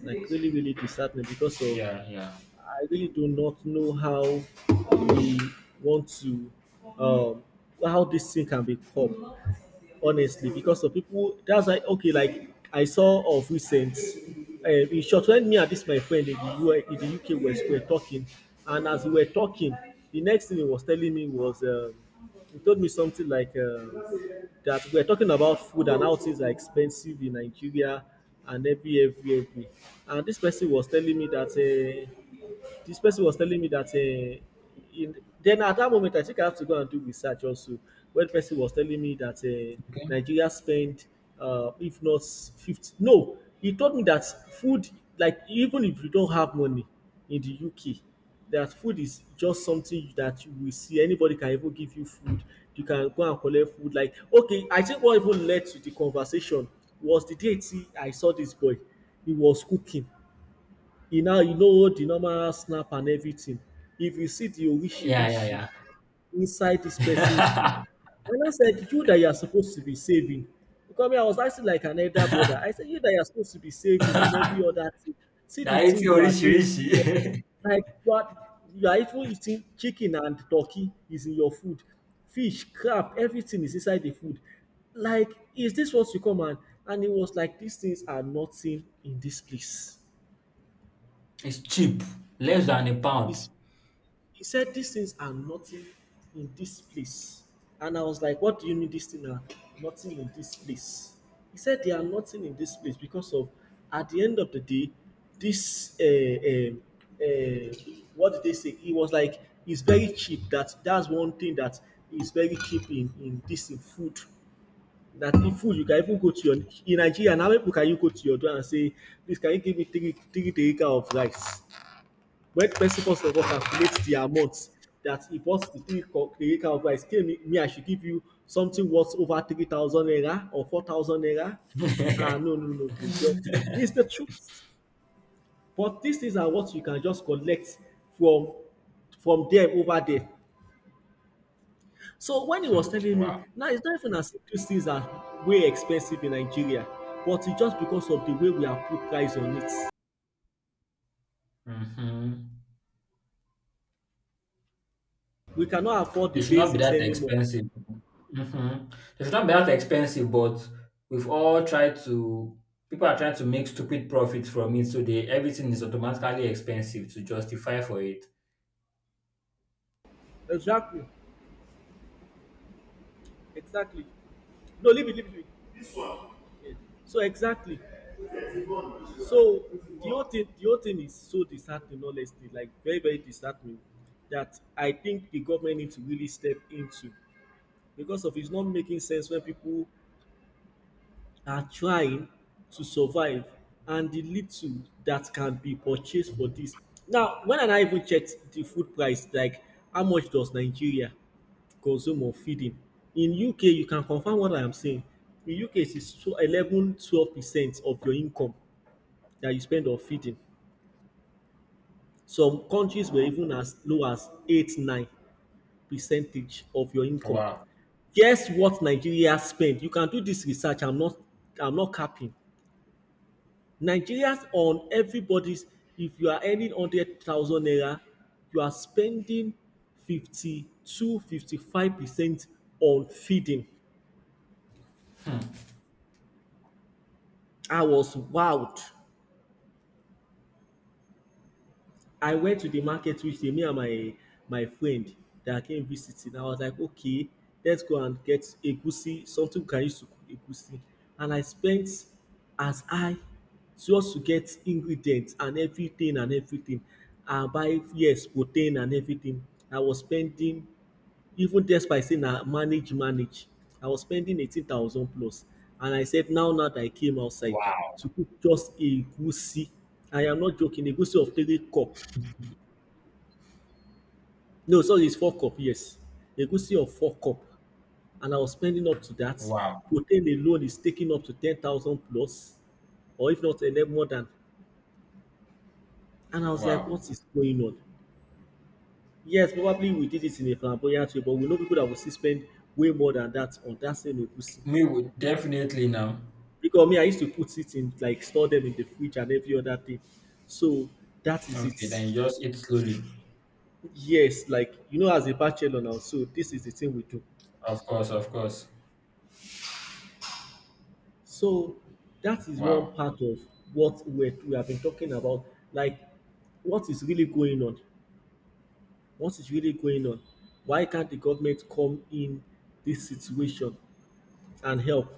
B: Like really, really disheartening because of
A: Yeah, yeah.
B: I really do not know how we want to, um, how this thing can be coped, honestly, because of people. That's like okay, like I saw of recent, in short, when me and this my friend in the UK were talking, and as we were talking, the next thing he was telling me he told me something like that we're talking about food and how things are expensive in Nigeria and every, every. And this person was telling me that. Uh, this person was telling me that in, then at that moment I think I have to go and do research also. When the person was telling me that
A: Okay.
B: Nigeria spent if not 50, no, he told me that food, like even if you don't have money in the UK, that food is just something that you will see, anybody can even give you food. You can go and collect food. Like okay, I think what even led to the conversation was the day tí I saw this boy. He was cooking, e now you know hold the normal snap and everything. If you see the orishi
A: Yeah,
B: rishi
A: yeah,
B: inside this person's food,
A: yeah.
B: and I said, "You that you are supposed to be saving." Because me, I was acting like an elder brother. I said, "You that you are supposed to be saving and every other thing. See
A: They
B: the
A: are
B: thing
A: eating
B: you are doing.
A: oríṣiríṣi.
B: Like what you are even eating? Chicken and turkey is in your food. Fish, crab, everything is inside the food. Like, is this what you come and..." And it was like these things are nothing in this place.
A: It's cheap, less than a pound.
B: It's He said, "These things are nothing in this place." And I was like, "What do you mean these things are nothing in this place?" He said, "They are nothing in this place because of, at the end of the day, this, what did they say?" It was like, "It's very cheap." That's one thing that is very cheap in this, in food. That in food, you can even go to your, in Nigeria, now people can, you go to your door and say, "Please, can you give me three, three, three of rice?" When person first of all calculate the amount that he bought the the three can of, tell me I should give you something worth over 3,000 naira or 4,000 naira. Ah, no, no, no go job. It's the truth, but these things are what you can just collect from from them over there. So when he was
A: Hmm.
B: telling me
A: Wow.
B: now, it's not even as if these things are way expensive in Nigeria, but it's just because of the way we have put price on it.
A: Mhm.
B: We cannot afford
A: They
B: the
A: should not be
B: basics
A: that
B: anymore.
A: expensive. Hmm. They should not be that expensive, but we've all tried to. People are trying to make stupid profits from it, so they everything is automatically expensive to justify for it.
B: Exactly, exactly. No, leave it, leave it, leave it. Yeah. So exactly. So the whole thing is so disheartening, honestly, like very, very disheartening. That I think the government needs to really step into, because of it's not making sense when people are trying to survive and the little that can be purchased for this. Now, when and I even checked the food price, like how much does Nigeria consume or feeding. In UK, you can confirm what I am saying. In UK, it is 11, 12% of your income that you spend on feeding. Some countries were even as low as 8, 9 percentage of your income.
A: Wow!
B: Guess what Nigeria spend? You can do this research. I'm not capping. Nigerians on everybody's, if you are earning 100,000 naira, you are spending 52, 55% on feeding. I was wowed. I went to the market which day, me and my friend that came visiting. I was like, okay, let's go and get egusi, something we can use to cook egusi. And I spent as high just to get ingredients and everything and everything. And buy yes, protein and everything. I was spending even despite saying na manage manage, I was spending 18,000 plus. And I said, now now that I came outside
A: Wow!
B: to cook just egusi, I am not joking, egusi of 3 cup. No, sorry, it's 4 cup. Yes, egusi of 4 cup, and I was spending up to that.
A: Wow!
B: Protein alone is taking up to 10,000 plus, or if not, a and more than. And I was like, what
A: Wow!
B: is going on? Yes, probably we did it in a flamboyant way, but we know people that will still spend way more than that on that same egusi.
A: Me would definitely now.
B: Because me, I used to put it in, like, store them in the fridge and every other thing. So that is
A: Okay, then
B: it.
A: you just eat slowly.
B: Yes, like as a bachelor now, so this is the thing we do.
A: Of course, of course.
B: So that is one
A: Wow.
B: part of what we have been talking about. Like, what is really going on? What is really going on? Why can't the government come in this situation and help?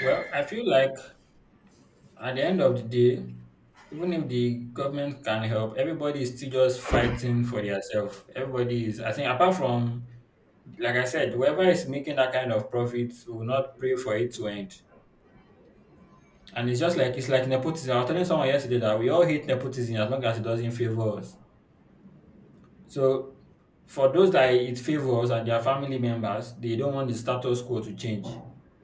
A: Well, I feel like at the end of the day, even if the government can help, everybody is still just fighting for themselves. Everybody is, I think, apart from, like I said, whoever is making that kind of profit will not pray for it to end. And it's just like, it's like nepotism. I was telling someone yesterday that we all hate nepotism as long as it doesn't favor us. So for those that it favors and their family members, they don't want the status quo to change.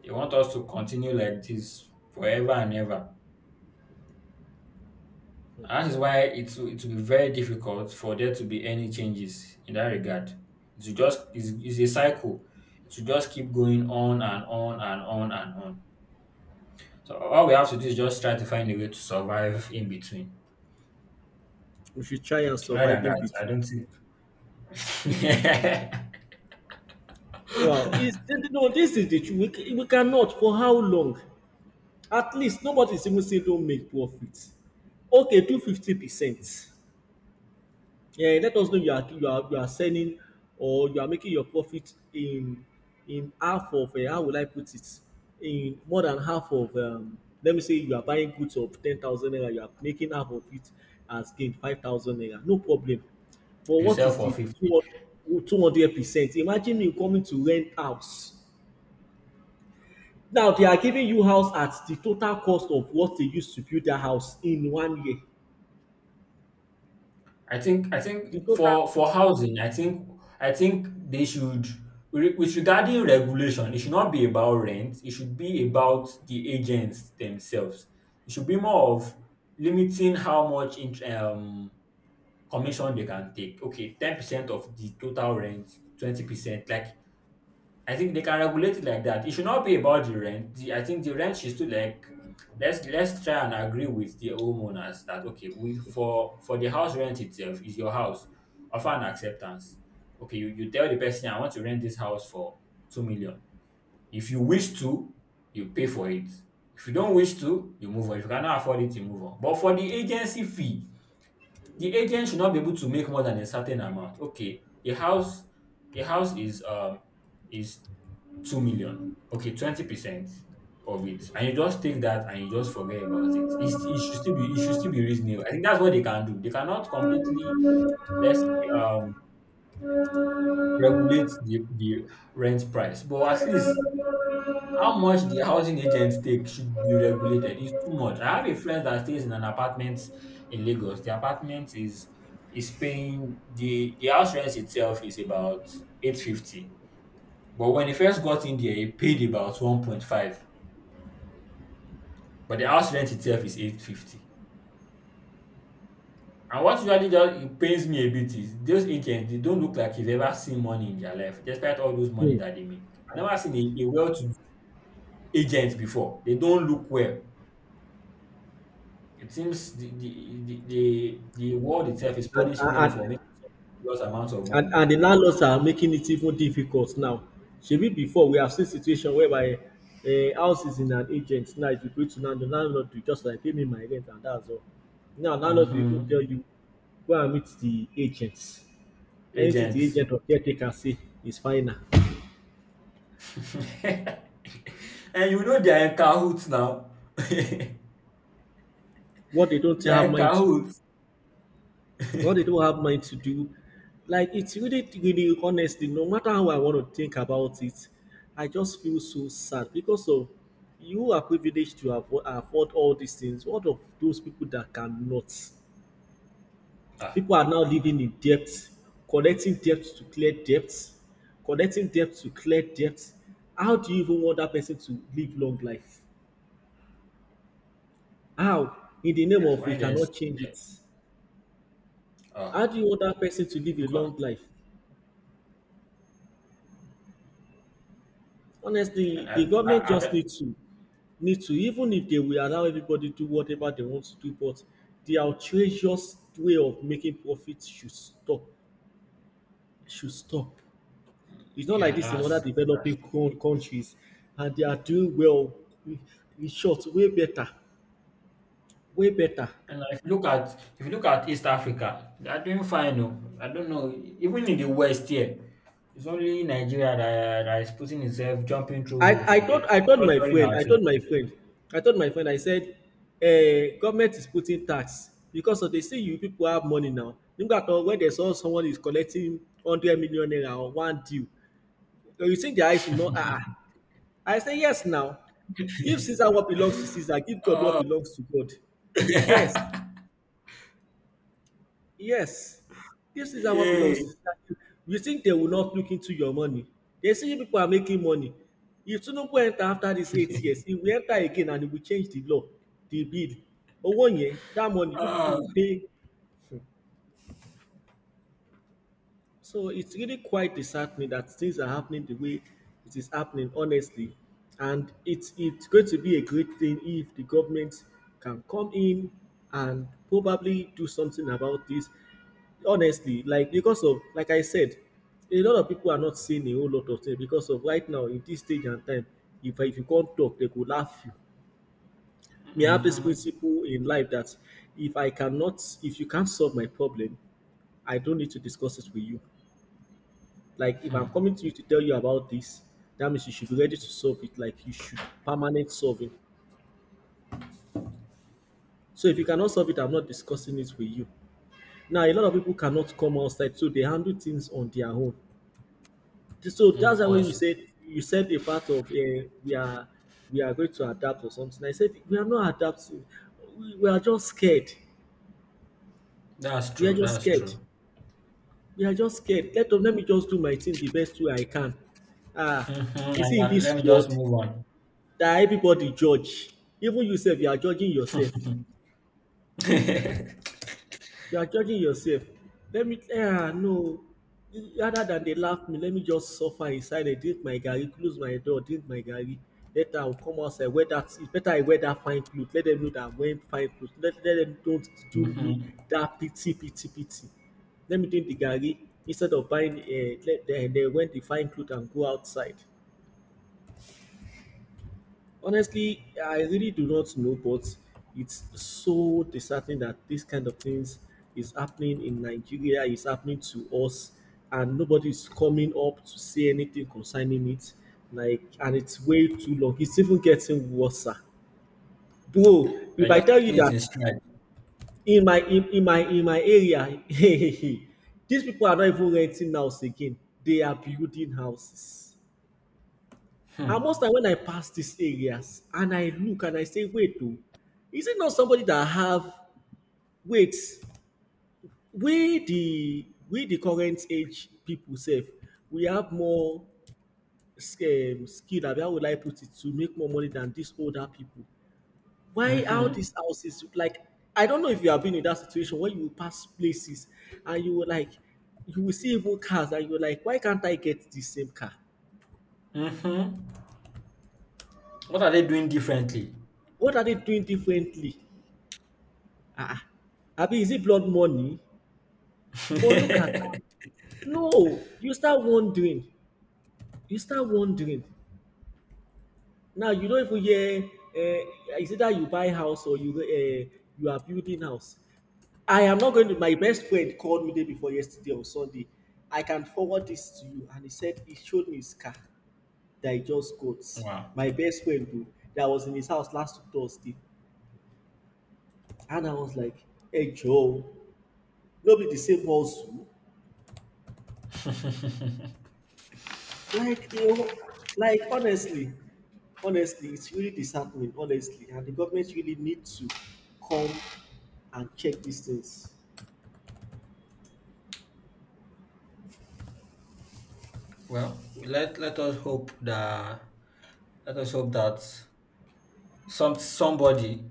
A: They want us to continue like this forever and ever. And that is why it will be very difficult for there to be any changes in that regard. It's a cycle. It will just keep going on and on and on and on. So all we have to do is just try to find a way to survive in between.
B: We should try and
A: Other
B: survive
A: than
B: in
A: that, I
B: between.
A: don't think.
B: Wow, is no, this is the truth. We cannot. For how long? At least nobody's even saying don't make profits. Okay, do 50%. Yeah, let us know you are you are selling, or you are making your profit in half of, how will I put it, in more than half of, let me say you are buying goods of 10,000 naira, you are making half of it as gain, 5,000 naira, no problem. But
A: You
B: what
A: for
B: is the
A: fulfill.
B: 200%? Imagine you coming to rent house, now they are giving you house at the total cost of what they used to build that house in one year.
A: I
B: The
A: think
B: total.
A: for housing, I think they should with regarding regulation, it should not be about rent. It should be about the agents themselves. It should be more of limiting how much commission they can take. Okay, 10% of the total rent, 20%. Like I think they can regulate it like that. It should not be about the rent. I think the rent should still like let's try and agree with the homeowners that okay, we for the house rent itself is your house. Offer an acceptance. Okay, you tell the person I want to rent this house for 2 million. If you wish to, you pay for it. If you don't wish to, you move on. If you cannot afford it, you move on. But for the agency fee, the agent should not be able to make more than a certain amount. Okay, the house is 2 million. Okay, 20% of it. And you just take that and you just forget about it. It should still be reasonable. I think that's what they can do. They cannot completely let's say regulate the rent price. But at least how much the housing agents take should be regulated. It's too much. I have a friend that stays in an apartment in Lagos. The apartment is paying the house rent itself is about 850. But when he first got in there, he paid about 1.5. But the house rent itself is 850. And what usually just it pains me a bit is those agents. They don't look like they've ever seen money in their life, despite all those money that they make. I never seen a well to do agent before. They don't look well. It seems the world itself is
B: and
A: punishing them
B: and
A: for making serious amounts of
B: And
A: money.
B: and the landlords are making it even difficult now. Shebi before we have seen situation whereby a house is in an agent, now if you go to landlord, landlord will just like, pay me my rent, and that's all. Now landlord will even tell
A: um
B: you go and meet the agents. Anything the
A: Agents.
B: agent or caretaker say is final.
A: And you know they are in cahoots now. They
B: What they don't
A: are
B: have
A: in
B: mind to do.
A: cahoots.
B: What they don't have mind to do. Like it's really, really, honestly, no matter how I want to think about it, I just feel so sad because of, you are privileged to afford all these things. What of those people that cannot?
A: ah
B: People are now living in debt, collecting debt to clear debt, collecting debt to clear debt. How do you even want that person to live long life? How? In the name of we
A: when there's
B: cannot change it.
A: ah
B: How do you want that person to live a
A: because
B: long life?
A: And
B: Honestly, the
A: I I
B: government
A: I
B: just
A: don't.
B: need to, even if they will allow everybody do whatever they want to do, but the outrageous way of making profit should stop. Should stop. It's not like
A: Yeah,
B: this in
A: that's
B: other
A: true.
B: developing countries, and they are doing well. In short, way better, way better.
A: And like, if you look at East Africa, they are doing fine. Oh. I don't know. Even in the West here, it's only Nigeria that is putting itself, jumping through hoops,
B: I, I
A: and
B: told
A: we're
B: I told my
A: torturing
B: friend
A: ourselves.
B: I said, eh, government is putting tax because of they see you people have money now. Nígbà tó when they saw someone is collecting 100 million naira on one deal, so you think their eyes will not, ah ah. I say yes now, give Caesar what belongs to Caesar, give God what belongs to God. Yes,
A: Yeah.
B: yes, this is how what belongs to society. You think they will not look into your money? They see you people are making money. If Tinubu enter after this 8 years, he will enter again and he will change the law, the bill. Owó yẹn, that money, you people
A: Ah.
B: will pay. So it's really quite disheartening that things are happening the way it is happening, honestly. And it's going to be a great thing if the government can come in and probably do something about this. Honestly, like because of, like I said, a lot of people are not saying a whole lot of things because of right now in this stage and time, if you can't talk, they could laugh you. Me, I have this
A: Mhm.
B: principle in life that if I cannot, if you can't solve my problem, I don't need to discuss it with you. Like if I'm coming
A: Hmm.
B: to you to tell you about this, that means you should be ready to solve it. Like you should permanent solving. So if you cannot solve it, I'm not discussing it with you. Now a lot of people cannot come outside, so they handle things on their own. So
A: Of
B: that's why when you
A: course.
B: said you said a part of we are going to adapt or something. I said we are not adapting. We are just scared.
A: That's
B: We are
A: true.
B: just
A: That's
B: scared.
A: true.
B: We are just scared. Let me just do my thing the best way I can. Ah,
A: Mhm.
B: you
A: And
B: see in
A: let
B: this
A: me just
B: world
A: move on.
B: that everybody judge, even you sef, you are judging yourself, you are judging yourself. Let me ah no rather than they laugh me, let me just suffer inside silence, drink my garri, close my door, drink my garri. Later I go come outside wear that, it's better I wear that fine clothes. Let them know that I'm wearing fine clothes. Let them don't do me
A: Mhm.
B: that pity let me drink the garri instead of buying. Let then wear the fine clothes and go outside. Honestly, I really do not know, but it's so disheartening that this kind of things is happening in Nigeria, is happening to us, and nobody's coming up to say anything concerning it. Like, and it's way too long. It's even getting worse, sir. Bro,
A: We're
B: if I
A: just
B: tell you
A: taking it
B: that
A: in stride.
B: in my in my area, these people are not even renting house again. They are building houses.
A: Hmm.
B: And most time when I pass these areas and I look and I say, wait oh, is it not somebody that have, wait, we the current age people sef, we have more skill, abi how would I put it, to make more money than these older people. Why how
A: Mm-hmm.
B: these houses like. I don't know if you have been in that situation where you pass places and you will like, you will see even cars and you're like, why can't I get the same car?
A: Mm-hmm. What are they doing differently?
B: What are they doing differently? Ah, ah. Abi, is it blood money? But look at. No, you start wondering. You start wondering. Now you don't even hear. Is it that you buy house or you are building house. I am not going to. My best friend called me day before yesterday on Sunday. I can forward this to you, and he said he showed me his car that he just got.
A: Wow.
B: My best friend too, that was in his house last Thursday, and I was like, "Hey Joe, no be the same house." Like you know, like honestly, honestly, it's really disheartening. Honestly, and the government really need to come and check these things.
A: Well, let us hope that let us hope that somebody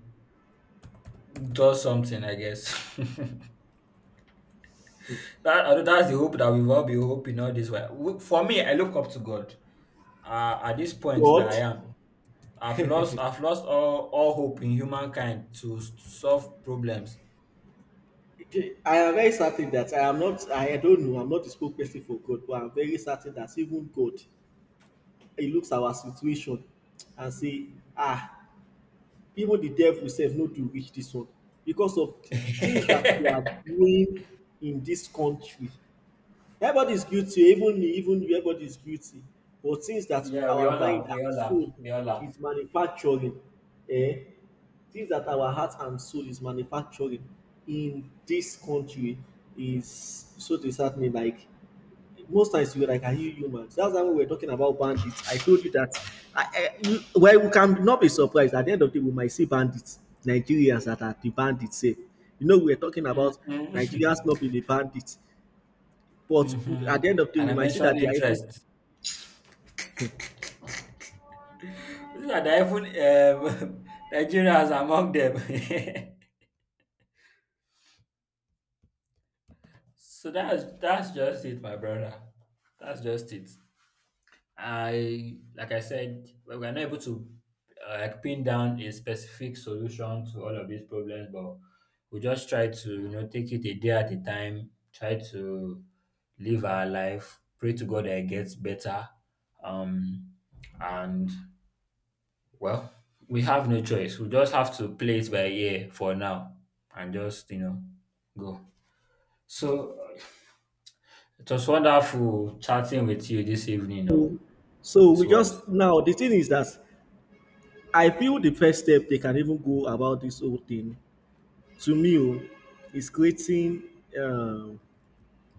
A: does something, I guess. that I know that's the hope that we've all been hoping all this while. For me, I look up to God. At this point that
B: God,
A: I am, I've lost all hope in humankind to to solve problems.
B: I am very certain that I am not. I don't know. I'm not the spokesperson for God, but I'm very certain that even God, He looks our situation and say, ah, even the devil sef no do reach this one because of things that we are doing in this country. Everybody is guilty, even me, even you, everybody is guilty. But things that
A: Yeah, we
B: our
A: all
B: mind
A: are. We
B: and
A: all are.
B: soul
A: We all are.
B: is manufacturing, eh? Things that our heart and soul is manufacturing in this country is so disheartening. Like most times, you were like, "Are you human?" So that's why when we were talking about bandits. I told you that. I, well, we can not be surprised. At the end of the day, we might see bandits, Nigerians that are the bandits. Safe. You know, we were talking about Nigerians
A: Hmm.
B: not being a bandit, but at
A: Hmm.
B: the end of the day,
A: And
B: we
A: I
B: might see
A: mentioned
B: that they are even.
A: interest.
B: Hmm.
A: Yeah, they iPhone. Nigeria is among them. So that's just it, my brother. That's just it. I Like I said, we were not able to like pin down a specific solution to all of these problems, but we just try to, you know, take it a day at a time. Try to live our life. Pray to God that it gets better. Um, and Well, we have no choice. We just have to play it by ear for now and just, you know, go. So it was wonderful chatting with you this evening. No?
B: So
A: It
B: we
A: was
B: just, now the thing is that I feel the first step they can even go about this whole thing, to me oh, is creating um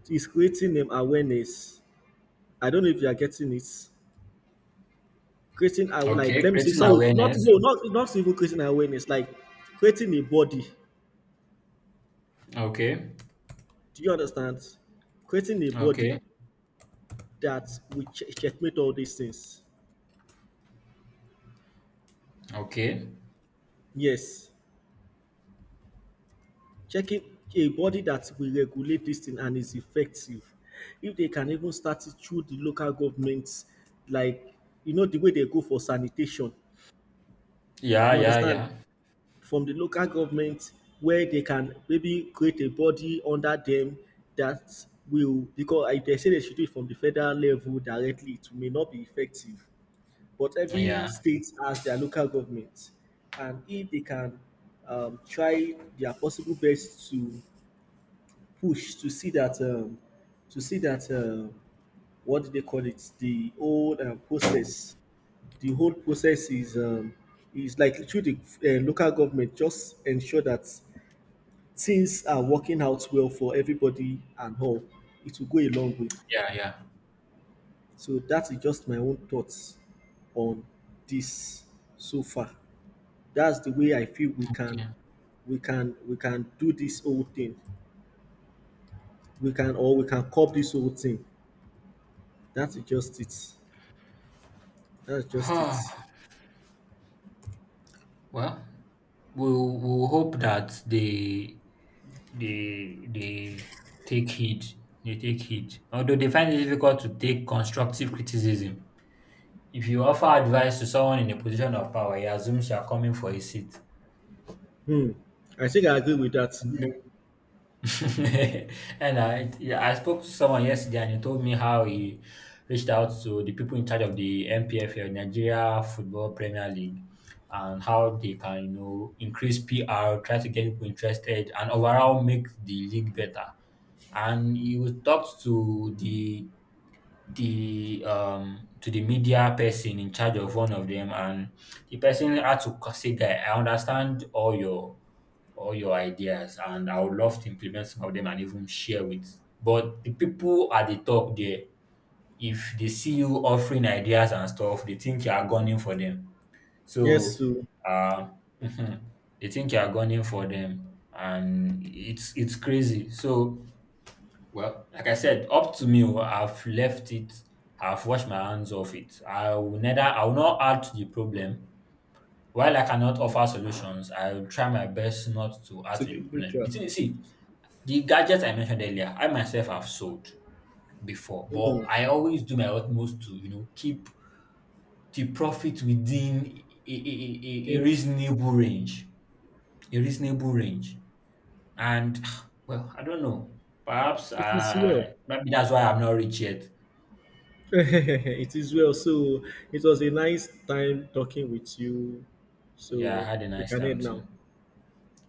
B: is creating awareness. I don't know if you are getting it. Creating, I would like,
A: okay,
B: let me say
A: creating
B: sorry, not
A: awareness.
B: no, not not even creating awareness, like creating a body.
A: Okay,
B: Do you understand? Creating a
A: okay,
B: body that we checkmate all these things.
A: okay.
B: Yes. Checking a body that will regulate this thing and is effective. If they can even start it through the local governments, like you know the way they go for sanitation,
A: Yeah,
B: you
A: yeah,
B: understand?
A: yeah,
B: From the local government, where they can maybe create a body under them that will, because if they say they should do it from the federal level directly, it may not be effective. But every
A: yeah,
B: state has their local government, and if they can try their possible best to push to see that what do they call it, the whole process, the whole process is like through the local government, just ensure that things are working out well for everybody and all, it will go a long way.
A: yeah, yeah.
B: So that is just my own thoughts on this so far. That's the way I feel we can,
A: Yeah.
B: we can do this whole thing, we can, or we can curb this whole thing. That is just it. That's just it.
A: Well, we'll hope that they they take heed. They take heed. Although they find it difficult to take constructive criticism. If you offer advice to someone in a position of power, he assumes you are coming for his seat.
B: Hmm. I think I agree with that.
A: Yeah, I spoke to someone yesterday, and he told me how he reached out to the people in charge of the NPFL, Nigeria Football Premier League, and how they can, you know, increase PR, try to get people interested, and overall make the league better. And he was talked to the media person in charge of one of them, and the person had to say that I understand all your ideas and I would love to implement some of them and even share with. But the people at the top there, if they see you offering ideas and stuff, they think you are gunning for them.
B: Yes,
A: So
B: to
A: uh, mhm, they think you are gunning for them and it's crazy. So like I said, up to me, oh, I've left it, I've washed my hands off it. I will not add to the problem. While I cannot offer solutions, I will try my best not to add to the
B: be
A: problem.
B: neutral.
A: You thing see, the gadgets I mentioned earlier, I myself have sold before, but
B: Hmm.
A: I always do my utmost to, you know, keep the profit within a
B: It,
A: reasonable range. a reasonable range. And well, I don't know. Perhaps
B: it is well.
A: maybe that's why I'm not rich yet.
B: It is well. So it was a nice time talking with you.
A: Yeah, I
B: So
A: had a
B: we
A: nice
B: can
A: time
B: end now.
A: too.